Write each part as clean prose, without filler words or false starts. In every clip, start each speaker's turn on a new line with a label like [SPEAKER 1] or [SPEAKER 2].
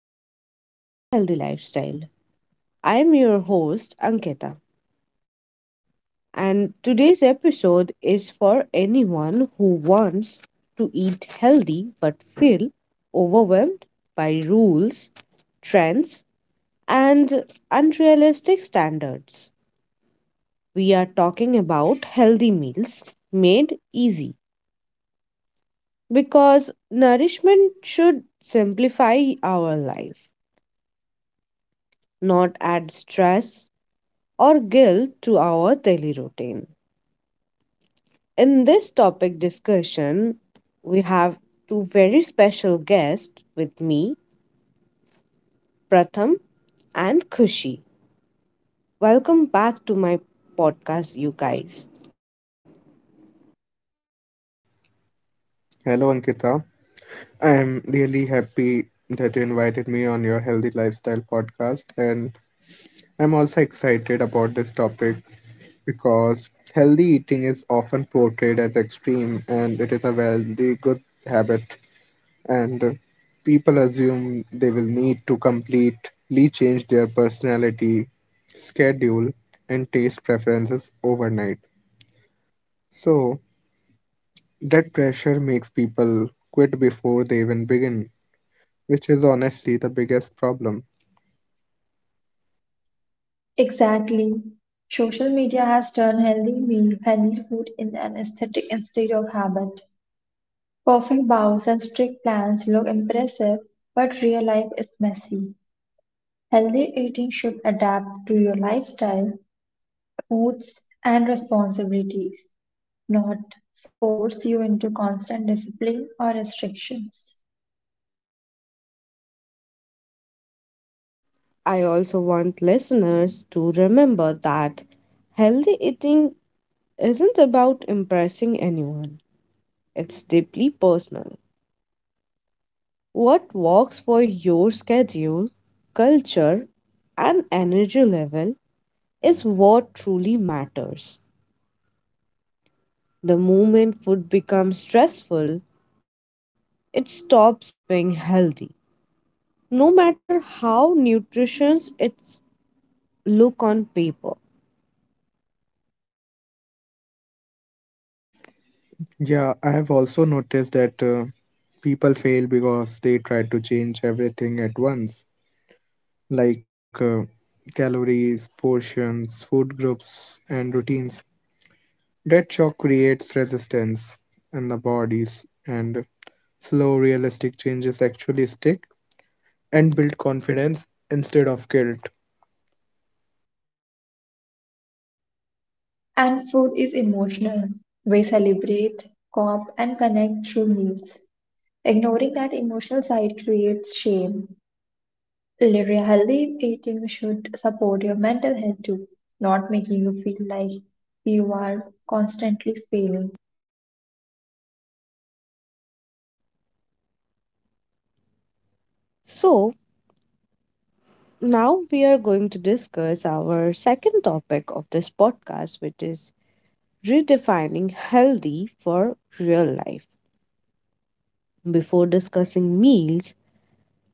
[SPEAKER 1] welcome back to Healthy Lifestyle. I am your host, Ankita, and today's episode is for anyone who wants to eat healthy but feel overwhelmed by rules, trends, and unrealistic standards. We are talking about healthy meals made easy because nourishment should simplify our life, not add stress or guilt to our daily routine. In this topic discussion, we have two very special guests with me, Pratham and Khushi. Welcome back to my podcast, you guys.
[SPEAKER 2] Hello, Ankita. I'm really happy that you invited me on your Healthy Lifestyle podcast, and I'm also excited about this topic because healthy eating is often portrayed as extreme and it is a very good habit, and people assume they will need to completely change their personality, schedule, and taste preferences overnight. So, that pressure makes people quit before they even begin which is honestly the biggest problem.
[SPEAKER 3] Exactly. Social media has turned healthy meal, healthy food in an aesthetic instead of habit. Perfect bows and strict plans look impressive, but real life is messy. Healthy eating should adapt to your lifestyle, moods, and responsibilities, not force you into constant discipline or restrictions.
[SPEAKER 1] I also want listeners to remember that healthy eating isn't about impressing anyone, it's deeply personal. What works for your schedule, culture, and energy level is what truly matters. The moment food becomes stressful, it stops being healthy, no matter how nutritious its look on paper.
[SPEAKER 2] Yeah, I have also noticed that people fail because they try to change everything at once, like calories, portions, food groups, and routines. That shock creates resistance in the bodies, and slow, realistic changes actually stick and build confidence instead of guilt.
[SPEAKER 3] And food is emotional. We celebrate, cope, and connect through meals. Ignoring that emotional side creates shame. Relief eating should support your mental health too, not making you feel like you are constantly failing.
[SPEAKER 1] So, now we are going to discuss our second topic of this podcast, which is redefining healthy for real life. Before discussing meals,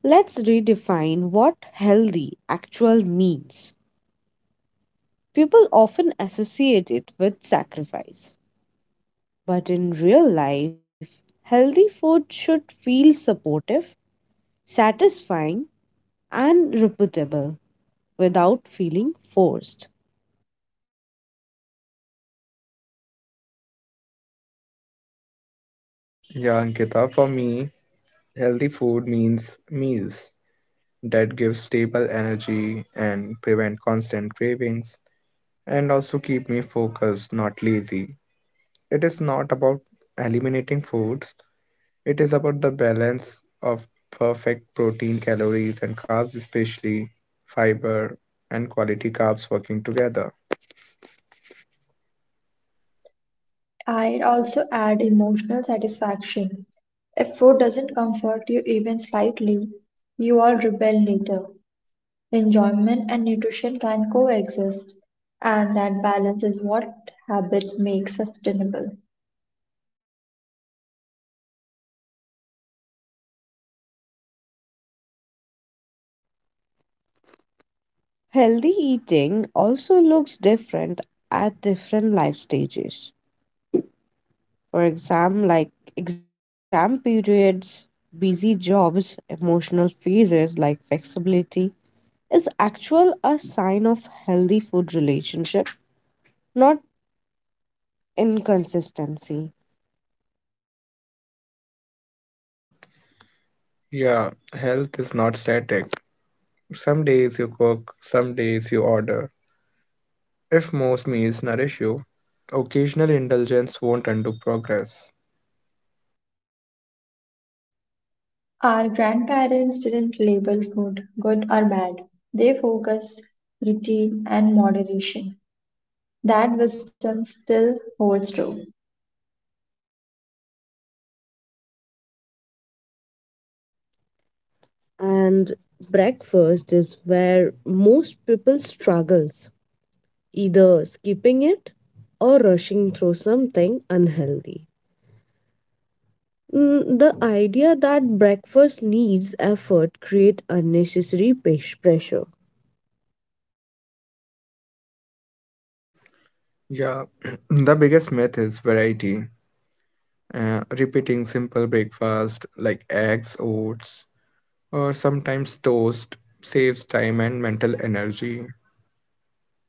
[SPEAKER 1] let's redefine what healthy actual means. People often associate it with sacrifice, but in real life, healthy food should feel supportive, satisfying, and repeatable without feeling forced.
[SPEAKER 2] Yeah, Ankita, for me, healthy food means meals that give stable energy and prevent constant cravings and also keep me focused, not lazy. It is not about eliminating foods, it is about the balance of perfect protein, calories, and carbs, especially fiber and quality carbs working together.
[SPEAKER 3] I also add emotional satisfaction. If food doesn't comfort you even slightly, you will rebel later. Enjoyment and nutrition can coexist, and that balance is what habit makes sustainable.
[SPEAKER 1] Healthy eating also looks different at different life stages. For exam like exam periods, busy jobs, emotional phases like flexibility is actual a sign of healthy food relationship, not inconsistency.
[SPEAKER 2] Yeah, health is not static. Some days you cook, some days you order. If most meals nourish you, occasional indulgence won't undo progress.
[SPEAKER 3] Our grandparents didn't label food good or bad. They focused routine and moderation. That wisdom still holds true.
[SPEAKER 1] And breakfast is where most people struggles, either skipping it or rushing through something unhealthy. The idea that breakfast needs effort create unnecessary pressure.
[SPEAKER 2] Yeah, the biggest myth is variety. Repeating simple breakfast like eggs, oats, or sometimes toast saves time and mental energy.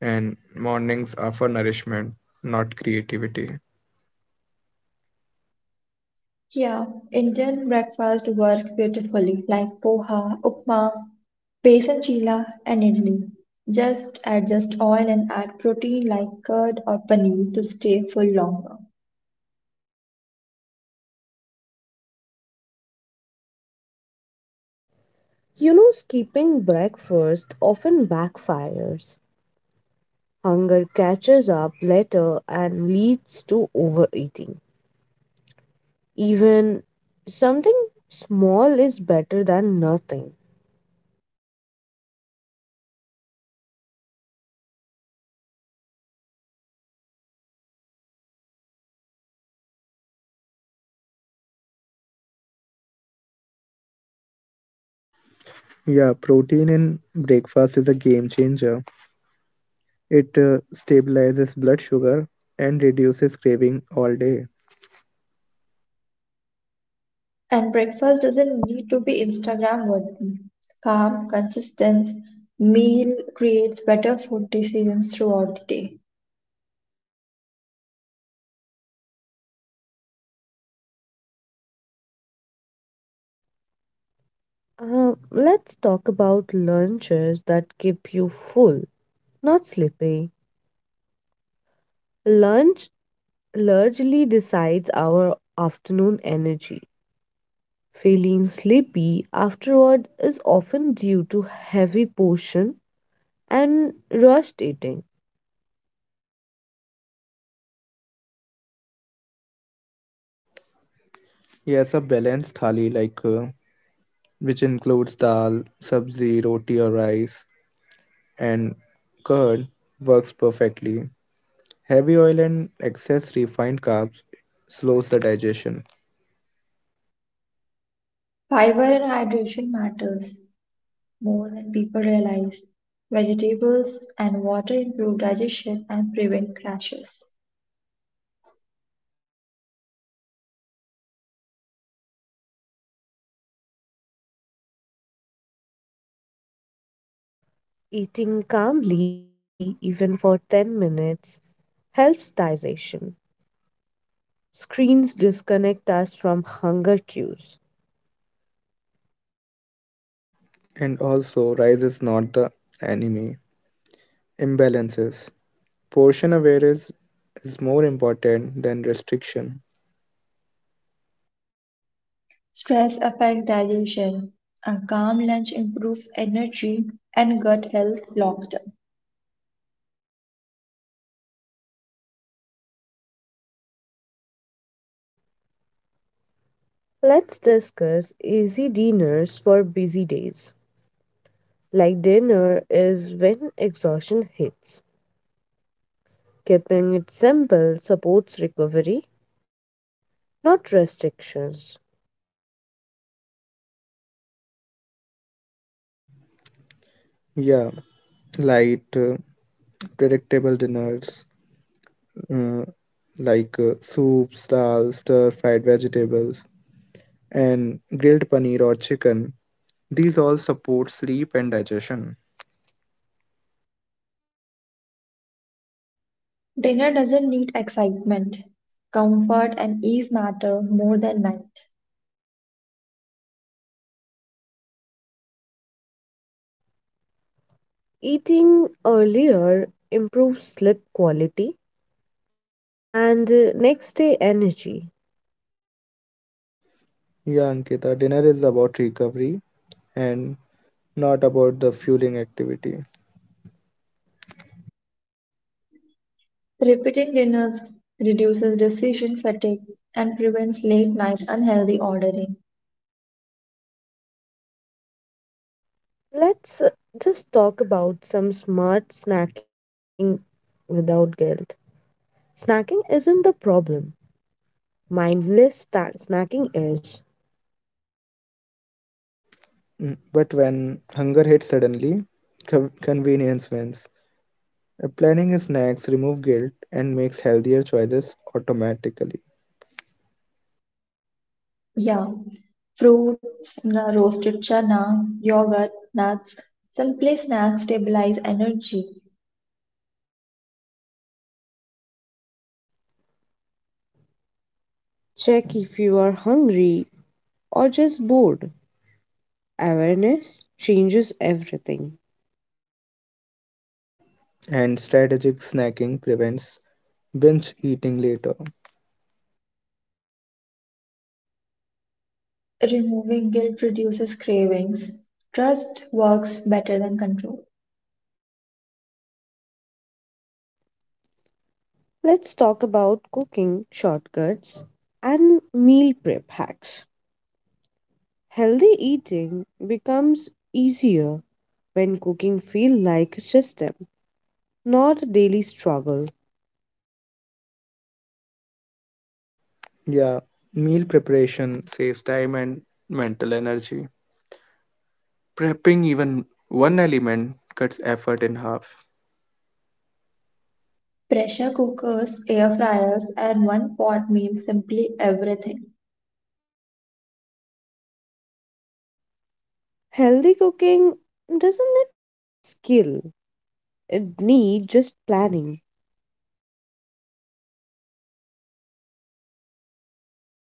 [SPEAKER 2] And mornings are for nourishment, not creativity.
[SPEAKER 3] Yeah, Indian breakfast work beautifully like poha, upma, besan chila and idli. Just adjust oil and add protein like curd or paneer to stay full longer.
[SPEAKER 1] You know skipping breakfast often backfires, hunger catches up later and leads to overeating. Even something small is better than nothing.
[SPEAKER 2] Yeah, protein in breakfast is a game changer. It stabilizes blood sugar and reduces craving all day.
[SPEAKER 3] And breakfast doesn't need to be Instagram worthy. Calm, consistent meal creates better food decisions throughout the day.
[SPEAKER 1] Let's talk about lunches that keep you full, not sleepy. Lunch largely decides our afternoon energy. Feeling sleepy afterward is often due to heavy portion and rushed eating.
[SPEAKER 2] Yes, a balanced thali like which includes dal, sabzi, roti or rice and curd works perfectly. Heavy oil and excess refined carbs slows the digestion.
[SPEAKER 3] Fiber and hydration matters, more than people realize. Vegetables and water improve digestion and prevent crashes.
[SPEAKER 1] Eating calmly, even for 10 minutes, helps digestion. Screens disconnect us from hunger cues.
[SPEAKER 2] And also, rice is not the enemy. Imbalances. Portion awareness is more important than restriction.
[SPEAKER 3] Stress affects digestion. A calm lunch improves energy and gut health long term.
[SPEAKER 1] Let's discuss easy dinners for busy days. Like dinner is when exhaustion hits. Keeping it simple supports recovery, not restrictions.
[SPEAKER 2] Yeah, light, predictable dinners uh, like soups, dal, stir fried vegetables, and grilled paneer or chicken. These all support sleep and digestion.
[SPEAKER 3] Dinner doesn't need excitement. Comfort and ease matter more than night.
[SPEAKER 1] Eating earlier improves sleep quality and next day energy.
[SPEAKER 2] Yeah, Ankita, dinner is about recovery and not about the fueling activity.
[SPEAKER 3] Repeating dinners reduces decision fatigue and prevents late night unhealthy ordering.
[SPEAKER 1] Let's just talk about some smart snacking without guilt. Snacking isn't the problem, mindless snacking is.
[SPEAKER 2] Mm, but when hunger hits suddenly, convenience wins. Planning snacks remove guilt and makes healthier choices automatically.
[SPEAKER 3] Yeah, fruits, roasted chana, yogurt, nuts, simple snacks stabilize energy.
[SPEAKER 1] Check if you are hungry or just bored. Awareness changes everything.
[SPEAKER 2] And strategic snacking prevents binge eating later.
[SPEAKER 3] Removing guilt reduces cravings. Trust works better than control.
[SPEAKER 1] Let's talk about cooking shortcuts and meal prep hacks. Healthy eating becomes easier when cooking feels like a system, not a daily struggle.
[SPEAKER 2] Yeah, meal preparation saves time and mental energy. Prepping even one element cuts effort in half.
[SPEAKER 3] Pressure cookers, air fryers, and one pot means simply everything.
[SPEAKER 1] Healthy cooking doesn't need skill, it needs just planning.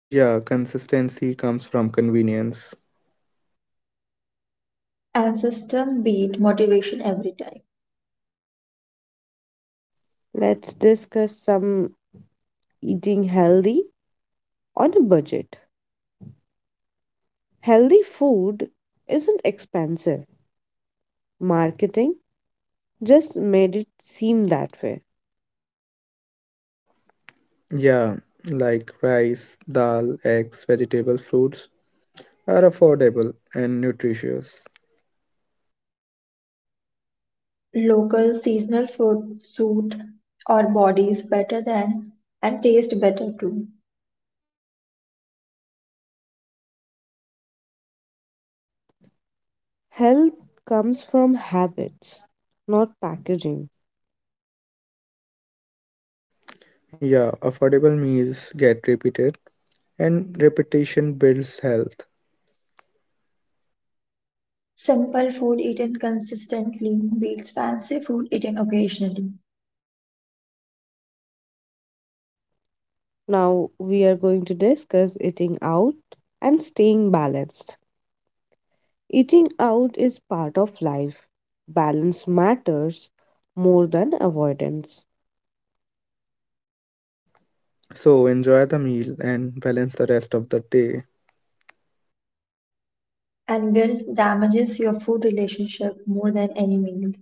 [SPEAKER 2] Yeah, consistency comes from convenience.
[SPEAKER 3] And system beat motivation every time.
[SPEAKER 1] Let's discuss some eating healthy on a budget. Healthy food isn't expensive, marketing just made it seem that way.
[SPEAKER 2] Yeah, like rice, dal, eggs, vegetables, fruits are affordable and nutritious.
[SPEAKER 3] Local seasonal food suit our bodies better than and taste better too.
[SPEAKER 1] Health comes from habits, not packaging.
[SPEAKER 2] Yeah, affordable meals get repeated and repetition builds health.
[SPEAKER 3] Simple food eaten consistently beats fancy food eaten occasionally.
[SPEAKER 1] Now, we are going to discuss eating out and staying balanced. Eating out is part of life. Balance matters more than avoidance.
[SPEAKER 2] So enjoy the meal and balance the rest of the day
[SPEAKER 3] And guilt damages your food relationship more than any meal.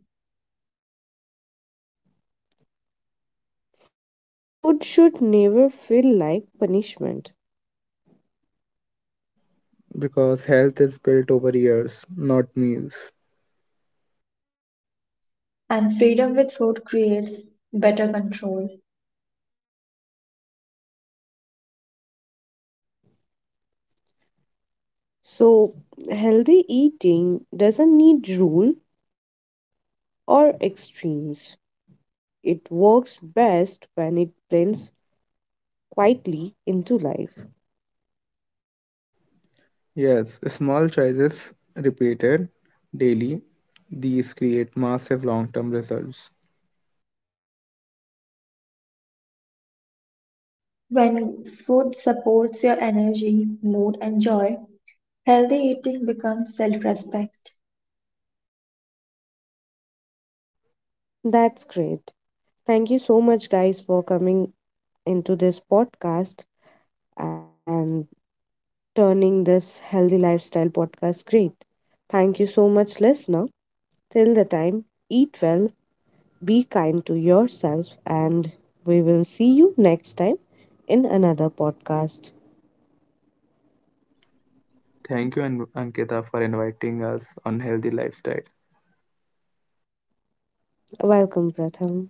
[SPEAKER 1] Food should never feel like punishment.
[SPEAKER 2] because health is built over years, not meals.
[SPEAKER 3] And freedom with food creates better control.
[SPEAKER 1] So, healthy eating doesn't need rule or extremes. It works best when it blends quietly into life.
[SPEAKER 2] Yes, small choices repeated daily, these create massive long-term results.
[SPEAKER 3] When food supports your energy, mood, and joy, healthy eating becomes self respect.
[SPEAKER 1] That's great. Thank you so much, guys, for coming into this podcast and turning this healthy lifestyle podcast great. Thank you so much, listener. Till the time, eat well, be kind to yourself, and we will see you next time in another podcast.
[SPEAKER 2] Thank you, Ankita, for inviting us on Healthy Lifestyle.
[SPEAKER 1] Welcome, Pratham.